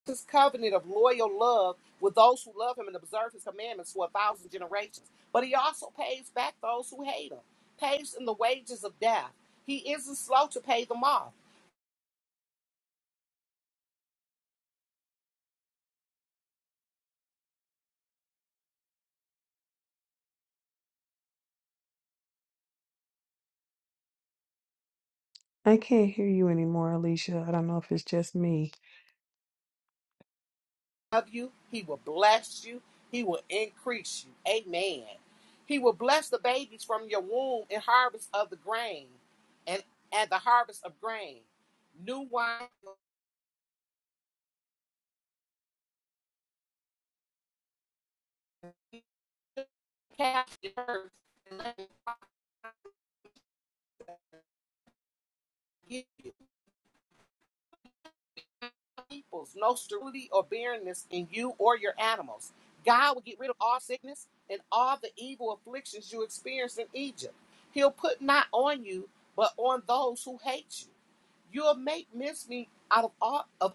Speaker 1: his covenant of loyal love with those who love him and observe his commandments for a thousand generations. But he also pays back those who hate him, pays in the wages of death. He isn't slow to pay them off.
Speaker 3: I can't hear you anymore, Alicia. I don't know if it's just me.
Speaker 1: Love you, he will bless you, he will increase you. Amen. He will bless the babies from your womb and harvest of the grain and, and the harvest of grain. New wine, calf, and herds, and let me give peoples, no sterility or barrenness in you or your animals. God will get rid of all sickness and all the evil afflictions you experienced in Egypt. He'll put not on you, but on those who hate you. You'll make mincemeat out of all of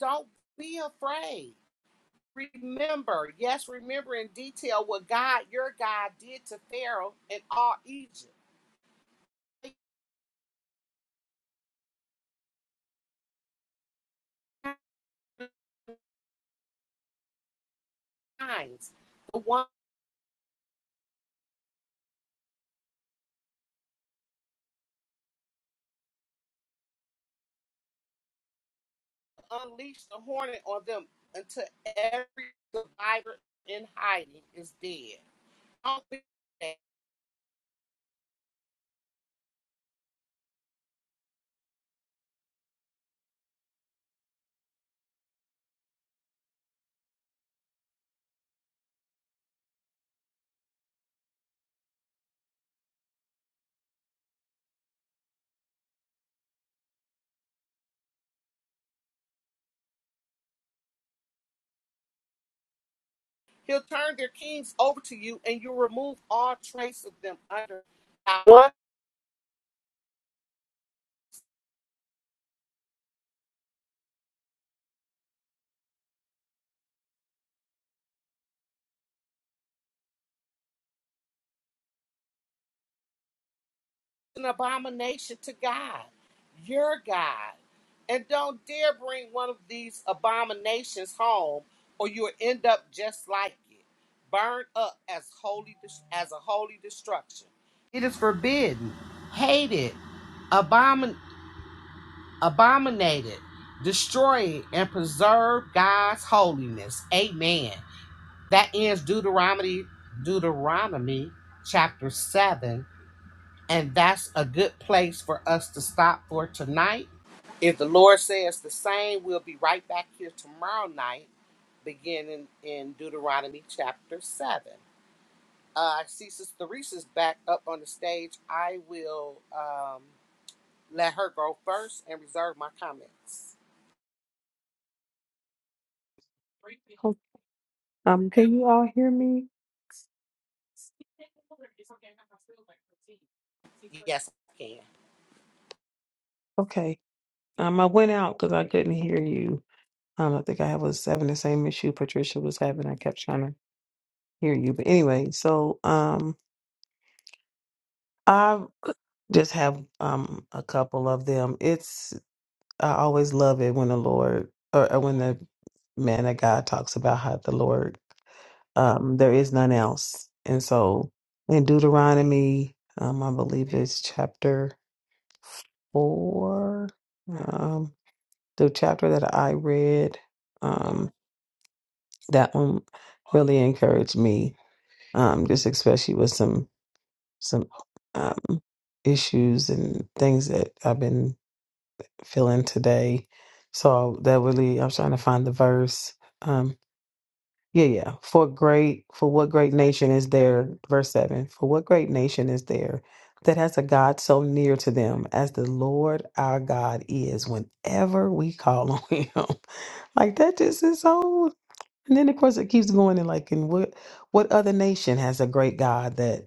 Speaker 1: don't be afraid. Remember, yes, remember in detail what God, your God, did to Pharaoh and all Egypt. The one unleash the hornet on them until every survivor in hiding is dead. I Don't think that. He'll turn their kings over to you, and you'll remove all trace of them under not one an abomination to God, your God. And don't dare bring one of these abominations home, or you'll end up just like it, burned up as holy as a holy destruction. It is forbidden, hated, abomin abominated, destroyed, and preserved God's holiness. Amen. That ends Deuteronomy, Deuteronomy chapter 7. And that's a good place for us to stop for tonight. If the Lord says the same, we'll be right back here tomorrow night, beginning in Deuteronomy chapter 7. Uh, I see Sister Reese's back up on the stage. I will um, let her go first and reserve my comments.
Speaker 3: Ho- Um, can you all hear me?
Speaker 1: Yes, I can.
Speaker 3: Okay. Um, I went out because I couldn't hear you. Um, I think I was having the same issue Patricia was having. I kept trying to hear you, but anyway. So, um, I just have um a couple of them. It's I always love it when the Lord or, or when the man of God talks about how the Lord um there is none else. And so in Deuteronomy, um, I believe it's chapter four. Um, the chapter that I read, um, that one really encouraged me. Um, just especially with some some um issues and things that I've been feeling today. So that really, I'm trying to find the verse. Um, yeah, yeah. For great, for what great nation is there? Verse seven. For what great nation is there that has a God so near to them as the Lord our God is? Whenever we call on Him, like that just is so. And then of course it keeps going and like, and what what other nation has a great God that?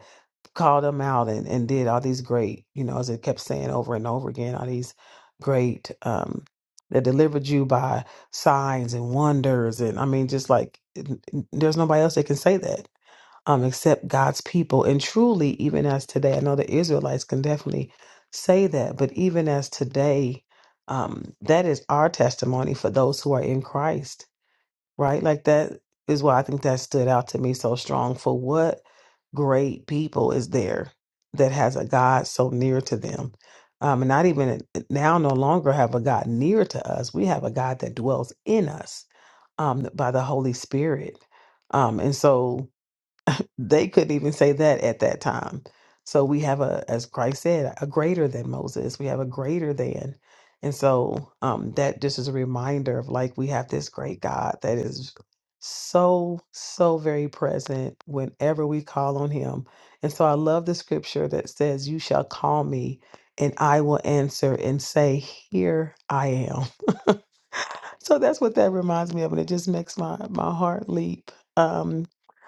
Speaker 3: called them out and, and did all these great, you know, as it kept saying over and over again, all these great um that delivered you by signs and wonders and I mean just like n- n- there's nobody else that can say that um except God's people and truly even as today I know the Israelites can definitely say that but even as today um that is our testimony for those who are in Christ right? Like that is why I think that stood out to me so strong. For what great people is there that has a God so near to them? Um, and not even uh, now, no longer have a God near to us. We have a God that dwells in us um, by the Holy Spirit. Um, and so they couldn't even say that at that time. So we have a, as Christ said, a greater than Moses. We have a greater than. And so um, that just is a reminder of like we have this great God that is so, so very present whenever we call on him. And so I love the scripture that says, You shall call me and I will answer and say, Here I am. So that's what that reminds me of, and it just makes my my heart leap. Um,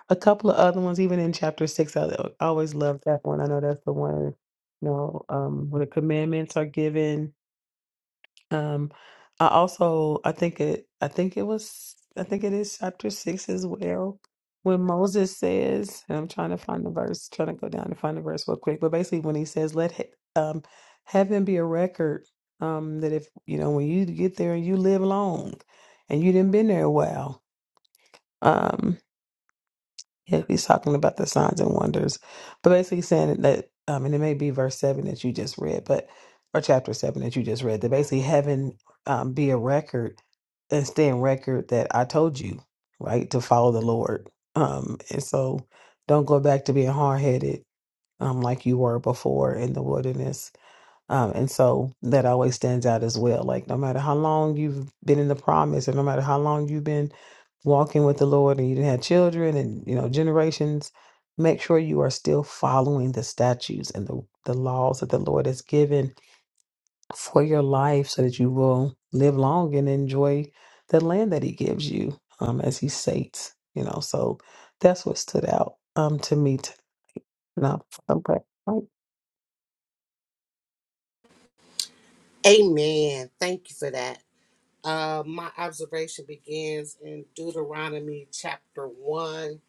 Speaker 3: a couple of other ones, even in chapter six, I, I always love that one. I know that's the one, you know, um, where the commandments are given um, I also I think it I think it was I think it is chapter six as well, when Moses says, and I'm trying to find the verse, trying to go down and find the verse real quick, but basically when he says, "Let he- um heaven be a record, um that if you know when you get there and you live long, and you didn't been there a while, um, yeah, he's talking about the signs and wonders, but basically saying that, um, and it may be verse seven that you just read, but or chapter seven that you just read, that basically having um, be a record and stay in record that I told you, right, to follow the Lord. Um, and so don't go back to being hard headed, um, like you were before in the wilderness um, and so that always stands out as well. Like no matter how long you've been in the promise, and no matter how long you've been walking with the Lord, and you didn't have children, and you know generations, make sure you are still following the statutes and the the laws that the Lord has given for your life, so that you will live long and enjoy the land that He gives you, um, as He sates. You know, so that's what stood out um to me. T- no,
Speaker 1: Amen. Thank you for that. Uh, my observation begins in Deuteronomy chapter 1,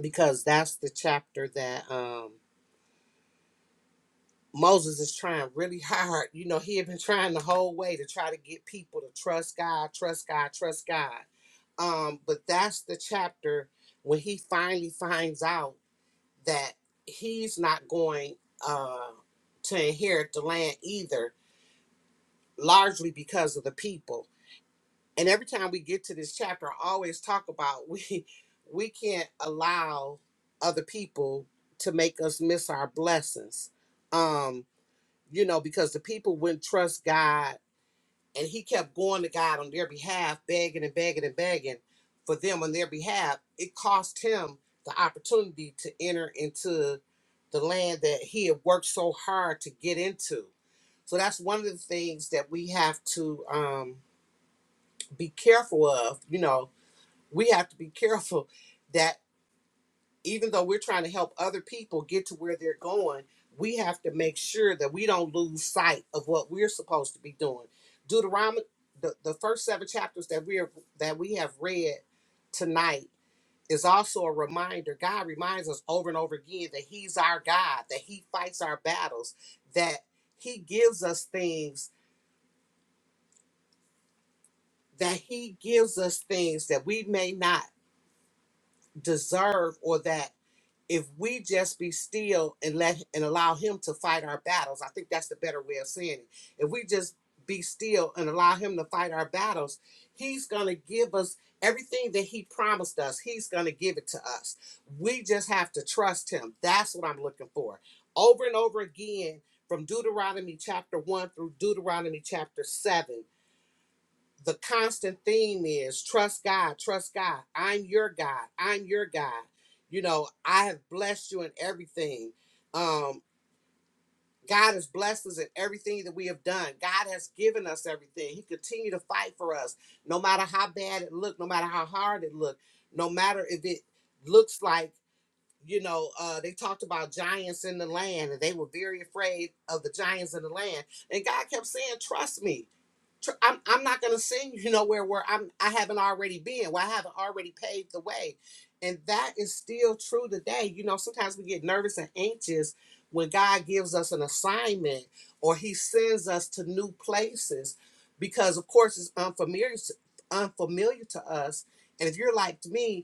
Speaker 1: because that's the chapter that um, Moses is trying really hard. You know, he had been trying the whole way to try to get people to trust God, trust God, trust God. Um, but that's the chapter when he finally finds out that he's not going uh, to inherit the land either, largely because of the people and every time we get to this chapter i always talk about we we can't allow other people to make us miss our blessings um you know because the people wouldn't trust god and he kept going to god on their behalf begging and begging and begging for them on their behalf it cost him the opportunity to enter into the land that he had worked so hard to get into so that's one of the things that we have to um, be careful of you know we have to be careful that even though we're trying to help other people get to where they're going, we have to make sure that we don't lose sight of what we're supposed to be doing. Deuteronomy, the, the first seven chapters that we are that we have read tonight is also a reminder. God reminds us over and over again that He's our God, that He fights our battles, that He gives us things, that He gives us things that we may not deserve or that if we just be still and let and allow him to fight our battles i think that's the better way of saying it if we just be still and allow him to fight our battles he's going to give us everything that he promised us he's going to give it to us we just have to trust him that's what i'm looking for over and over again from deuteronomy chapter 1 through deuteronomy chapter 7 the constant theme is trust God, trust God. I'm your God. I'm your God. You know, I have blessed you in everything. Um, God has blessed us in everything that we have done. God has given us everything. He continued to fight for us, no matter how bad it looked, no matter how hard it looked, no matter if it looks like, you know, uh, they talked about giants in the land and they were very afraid of the giants in the land. And God kept saying, trust me tr- I'm I'm not gonna send you nowhere where I'm I haven't already been, where I haven't already paved the way. And that is still true today. You know, sometimes we get nervous and anxious when God gives us an assignment or He sends us to new places because of course it's unfamiliar unfamiliar to us. And if you're like me,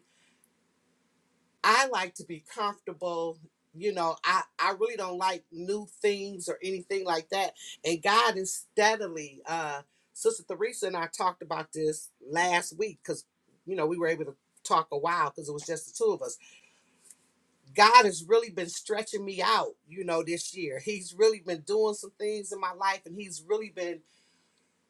Speaker 1: I like to be comfortable. You know, I, I really don't like new things or anything like that. And God is steadily, uh, Sister Theresa and I talked about this last week because, you know, we were able to talk a while because it was just the two of us. God has really been stretching me out, you know, this year. He's really been doing some things in my life and he's really been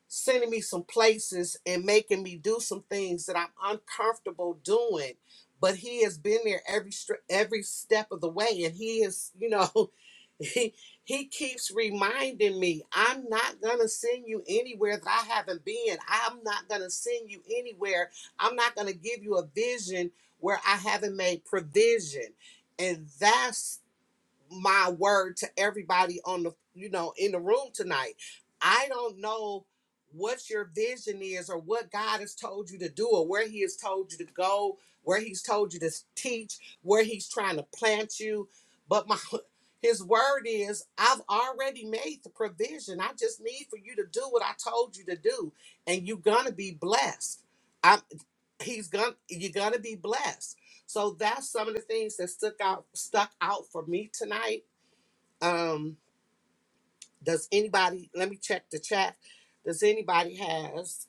Speaker 1: sending me some places and making me do some things that I'm uncomfortable doing. But he has been there every str- every step of the way, and he is, you know, he he keeps reminding me, I'm not gonna send you anywhere that I haven't been. I'm not gonna send you anywhere. I'm not gonna give you a vision where I haven't made provision, and that's my word to everybody on the you know in the room tonight i don't know what your vision is or what god has told you to do or where he has told you to go where he's told you to teach where he's trying to plant you but my his word is i've already made the provision i just need for you to do what i told you to do and you're gonna be blessed I'm he's gonna you're gonna be blessed so that's some of the things that stuck out stuck out for me tonight um does anybody let me check the chat does anybody has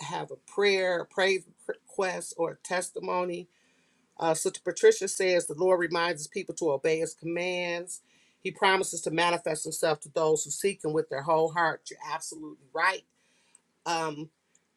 Speaker 1: have a prayer a praise request or a testimony uh sister patricia says the lord reminds his people to obey his commands he promises to manifest himself to those who seek him with their whole heart you're absolutely right um,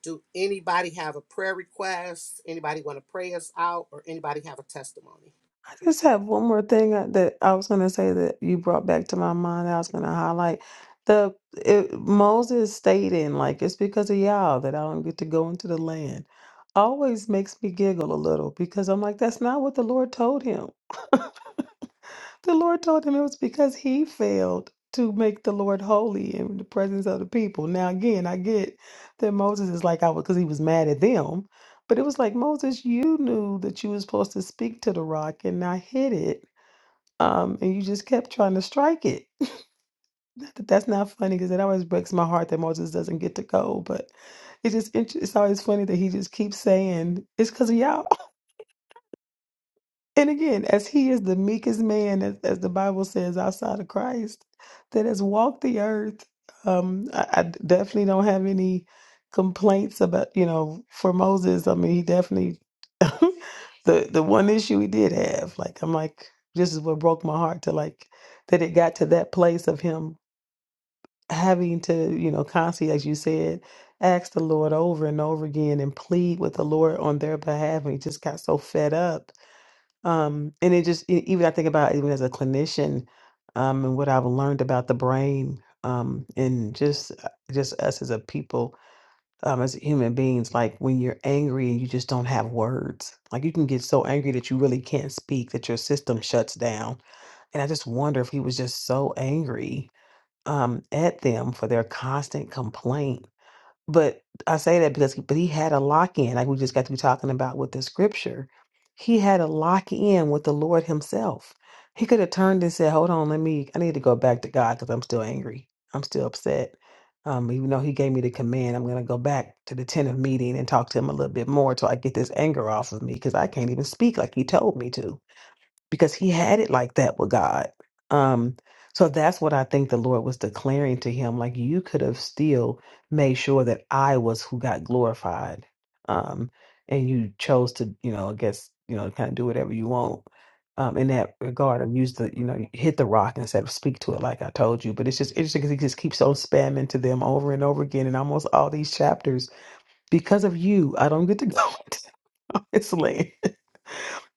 Speaker 1: do anybody have a prayer request? Anybody want to pray us out, or anybody have a testimony?
Speaker 3: I Just have one more thing I- that I was going to say that you brought back to my mind. I was going to highlight the it, Moses stating, like, it's because of y'all that I don't get to go into the land. Always makes me giggle a little because I'm like, that's not what the Lord told him. the Lord told him it was because he failed to make the Lord holy in the presence of the people. Now, again, I get that Moses is like, I was because he was mad at them. But it was like, Moses, you knew that you were supposed to speak to the rock and not hit it um, and you just kept trying to strike it. Not That- That's not funny because it always breaks my heart that Moses doesn't get to go. But it's just int- it's always funny that he just keeps saying it's because of y'all. And again, as he is the meekest man, as, as the Bible says, outside of Christ, that has walked the earth, um, I, I definitely don't have any complaints about, you know, for Moses. I mean, he definitely, the, the one issue he did have, like, I'm like, this is what broke my heart to like, that it got to that place of him having to, you know, constantly, as you said, ask the Lord over and over again and plead with the Lord on their behalf. And he just got so fed up um, and it just e- even I think about even as a clinician, um, and what I've learned about the brain, um, and just uh, just us as a people, um, as human beings, like when you're angry and you just don't have words, like you can get so angry that you really can't speak, that your system shuts down. And I just wonder if he was just so angry, um, at them for their constant complaint but I say that because, but he had a lock in, like we just got to be talking about with the scripture. He had a lock in with the Lord Himself. He could have turned and said, "Hold on, let me. I need to go back to God because I'm still angry. I'm still upset. Um, even though He gave me the command, I'm going to go back to the tent of meeting and talk to Him a little bit more till I get this anger off of me because I can't even speak like He told me to." because he had it like that with God. Um, so that's what I think the Lord was declaring to him. Like you could have still made sure that I was who got glorified. Um, and you chose to, you know, I guess, you know, kind of do whatever you want. Um, in that regard, and use the, you know, hit the rock instead of speak to it like I told you. But it's just interesting because he just keeps on spamming to them over and over again in almost all these chapters. Because of you, I don't get to go into this land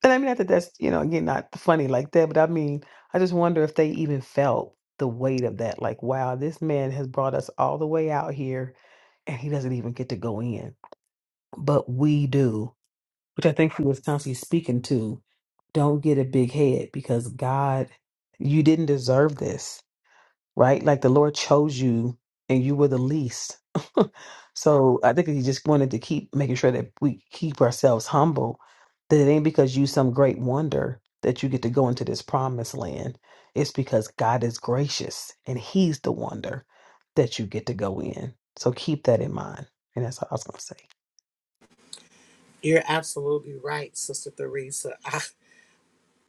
Speaker 3: and I mean, not that that's, you know, again, not funny like that, but I mean, I just wonder if they even felt the weight of that. Like, wow, this man has brought us all the way out here and he doesn't even get to go in, but we do, which I think he was constantly speaking to. Don't get a big head because God, you didn't deserve this right? Like the Lord chose you and you were the least. so I think he just wanted to keep making sure that we keep ourselves humble, that it ain't because you some great wonder that you get to go into this promised land. It's because God is gracious and he's the wonder that you get to go in. So keep that in mind. And that's all I was going to say.
Speaker 1: You're absolutely right, Sister Theresa. I,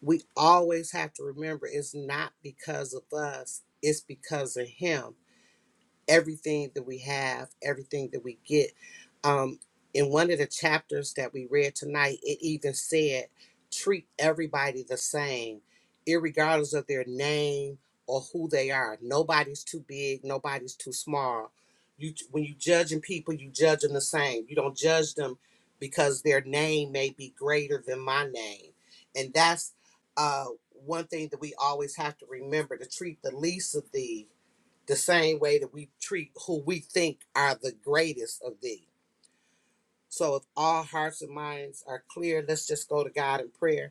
Speaker 1: we always have to remember it's not because of us; it's because of Him. everything that we have, everything that we get. Um, in one of the chapters that we read tonight, it even said, treat everybody the same, irregardless of their name or who they are. Nobody's too big, nobody's too small. You when you judging people, you judge them the same. You don't judge them because their name may be greater than my name. And that's uh, one thing that we always have to remember to treat the least of these the same way that we treat who we think are the greatest of thee. So if all hearts and minds are clear, let's just go to God in prayer.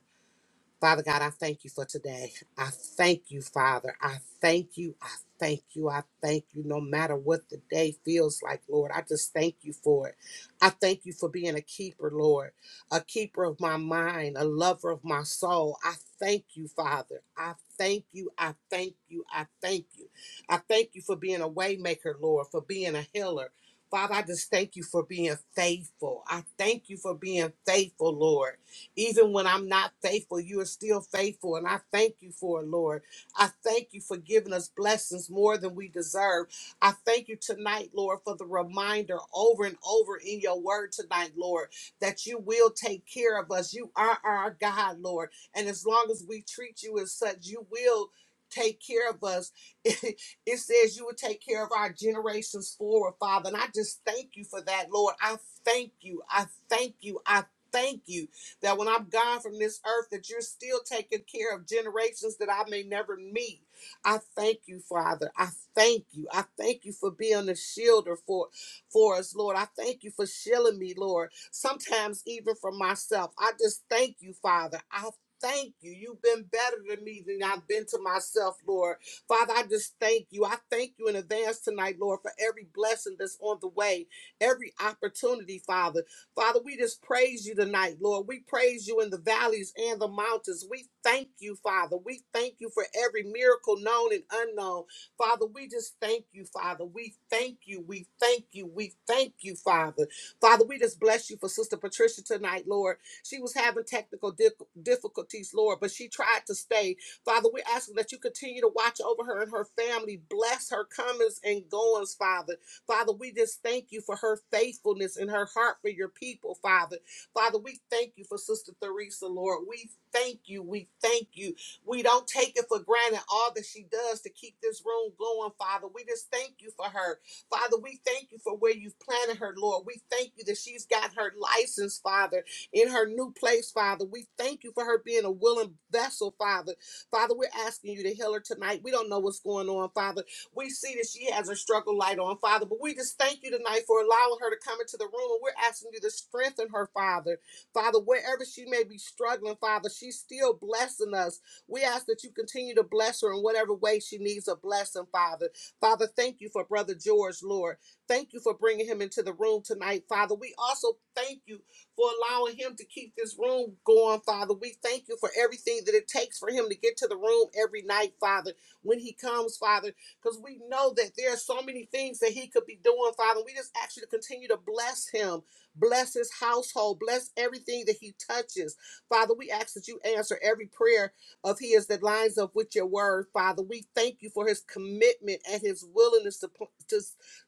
Speaker 1: Father God, I thank you for today. I thank you, Father. I thank you. I thank you. I thank you. No matter what the day feels like, Lord, I just thank you for it. I thank you for being a keeper, Lord, a keeper of my mind, a lover of my soul. I thank you, Father. I thank you. I thank you. I thank you. I thank you for being a waymaker, Lord, for being a healer. Father, I just thank you for being faithful. I thank you for being faithful, Lord. Even when I'm not faithful, you are still faithful. And I thank you for it, Lord. I thank you for giving us blessings more than we deserve. I thank you tonight, Lord, for the reminder over and over in your word tonight, Lord, that you will take care of us. You are our God, Lord. And as long as we treat you as such, you will take care of us. It, says you will take care of our generations forward, Father. And I just thank you for that, Lord. I thank you. I thank you. I thank you that when I'm gone from this earth, that you're still taking care of generations that I may never meet. I thank you, Father. I thank you. I thank you for being a shielder for, for us, Lord. I thank you for shielding me, Lord. Sometimes even from myself. I just thank you, Father. I thank you. You've been better to me than I've been to myself, Lord. Father, I just thank you. I thank you in advance tonight, Lord, for every blessing that's on the way, every opportunity, Father. Father, we just praise you tonight, Lord. We praise you in the valleys and the mountains. We thank you, Father. We thank you for every miracle known and unknown. Father, we just thank you, Father. We thank you. We thank you. We thank you, Father. Father, we just bless you for Sister Patricia tonight, Lord. She was having technical dif- difficulties, Lord, but she tried to stay. Father, we're asking that you continue to watch over her and her family. Bless her comings and goings, Father. Father, we just thank you for her faithfulness and her heart for your people, Father. Father, we thank you for Sister Theresa, Lord. We thank you. We thank you. We don't take it for granted all that she does to keep this room going, Father. We just thank you for her. Father, we thank you for where you've planted her, Lord. We thank you that she's got her license, Father, in her new place, Father. We thank you for her being a willing vessel, Father. Father, we're asking you to heal her tonight. We don't know what's going on, Father. We see that she has her struggle light on, Father, but we just thank you tonight for allowing her to come into the room. And we're asking you to strengthen her, Father. Father, wherever she may be struggling, Father, she's still blessing us. We ask that you continue to bless her in whatever way she needs a blessing, Father. Father, thank you for Brother George, Lord. Thank you for bringing him into the room tonight, Father. We also thank you for allowing him to keep this room going, Father. We thank you for everything that it takes for him to get to the room every night, Father. When he comes, Father, because we know that there are so many things that he could be doing, Father. We just ask you to continue to bless him, bless his household, bless everything that he touches. Father, we ask that you answer every prayer of his that lines up with your word, Father. We thank you for his commitment and his willingness to, to,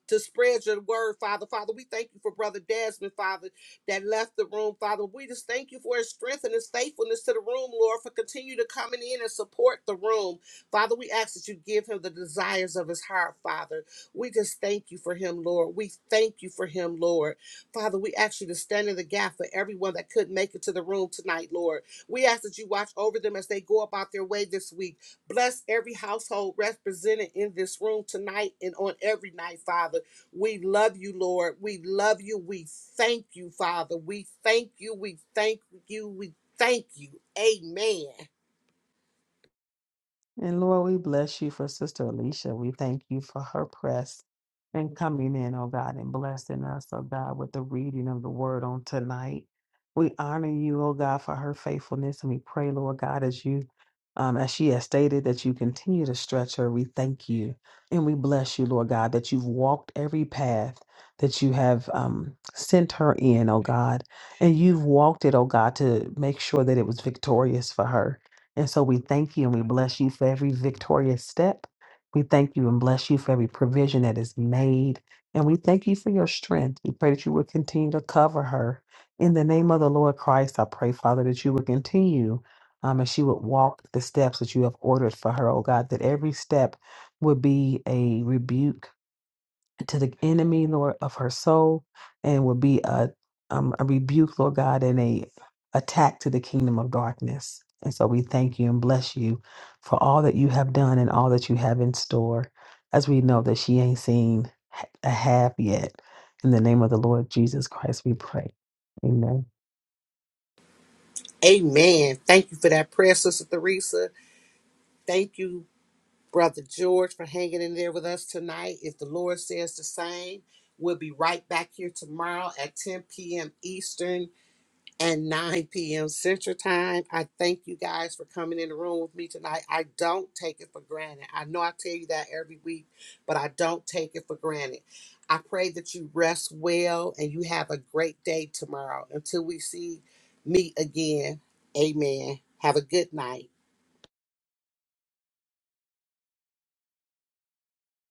Speaker 1: to spread your word, Father. Father, we thank you for Brother Desmond, Father, that left the room, Father. We just thank you for his strength and his faithfulness to the room, Lord, for continue to coming in and support the room. Father, we ask that you give him the desires of his heart, Father. We just thank you for him, Lord. We thank you for him, Lord. Father, we ask you to stand in the gap for everyone that couldn't make it to the room tonight, Lord. We ask that you watch over them as they go about their way this week. Bless every household represented in this room tonight and on every night, Father. We love you, Lord. We love you. We thank you, Father. We thank you. We thank you. We thank you. Amen.
Speaker 3: And Lord, we bless you for Sister Alicia. We thank you for her press and coming in, oh God, and blessing us, oh God, with the reading of the word on tonight. We honor you, oh God, for her faithfulness. And we pray, Lord God, as you um, as she has stated, that you continue to stretch her. We thank you and we bless you, Lord God, that you've walked every path that you have um, sent her in, oh God. And you've walked it, oh God, to make sure that it was victorious for her. And so we thank you and we bless you for every victorious step. We thank you and bless you for every provision that is made. And we thank you for your strength. We pray that you will continue to cover her. In the name of the Lord Christ, I pray, Father, that you will continue um, and she would walk the steps that you have ordered for her, oh God, that every step would be a rebuke to the enemy, Lord, of her soul, and will be a um, a rebuke, Lord God, and a attack to the kingdom of darkness. And so we thank you and bless you for all that you have done and all that you have in store, as we know that she ain't seen a half yet. In the name of the Lord Jesus Christ, we pray. Amen.
Speaker 1: Amen. Thank you for that prayer, Sister Theresa. Thank you, Brother George, for hanging in there with us tonight. If the Lord says the same, we'll be right back here tomorrow at 10 p.m. Eastern and 9 p.m. Central Time. I thank you guys for coming in the room with me tonight. I don't take it for granted. I know I tell you that every week, but I don't take it for granted. I pray that you rest well and you have a great day tomorrow. Until we see meet again, amen. Have a good night.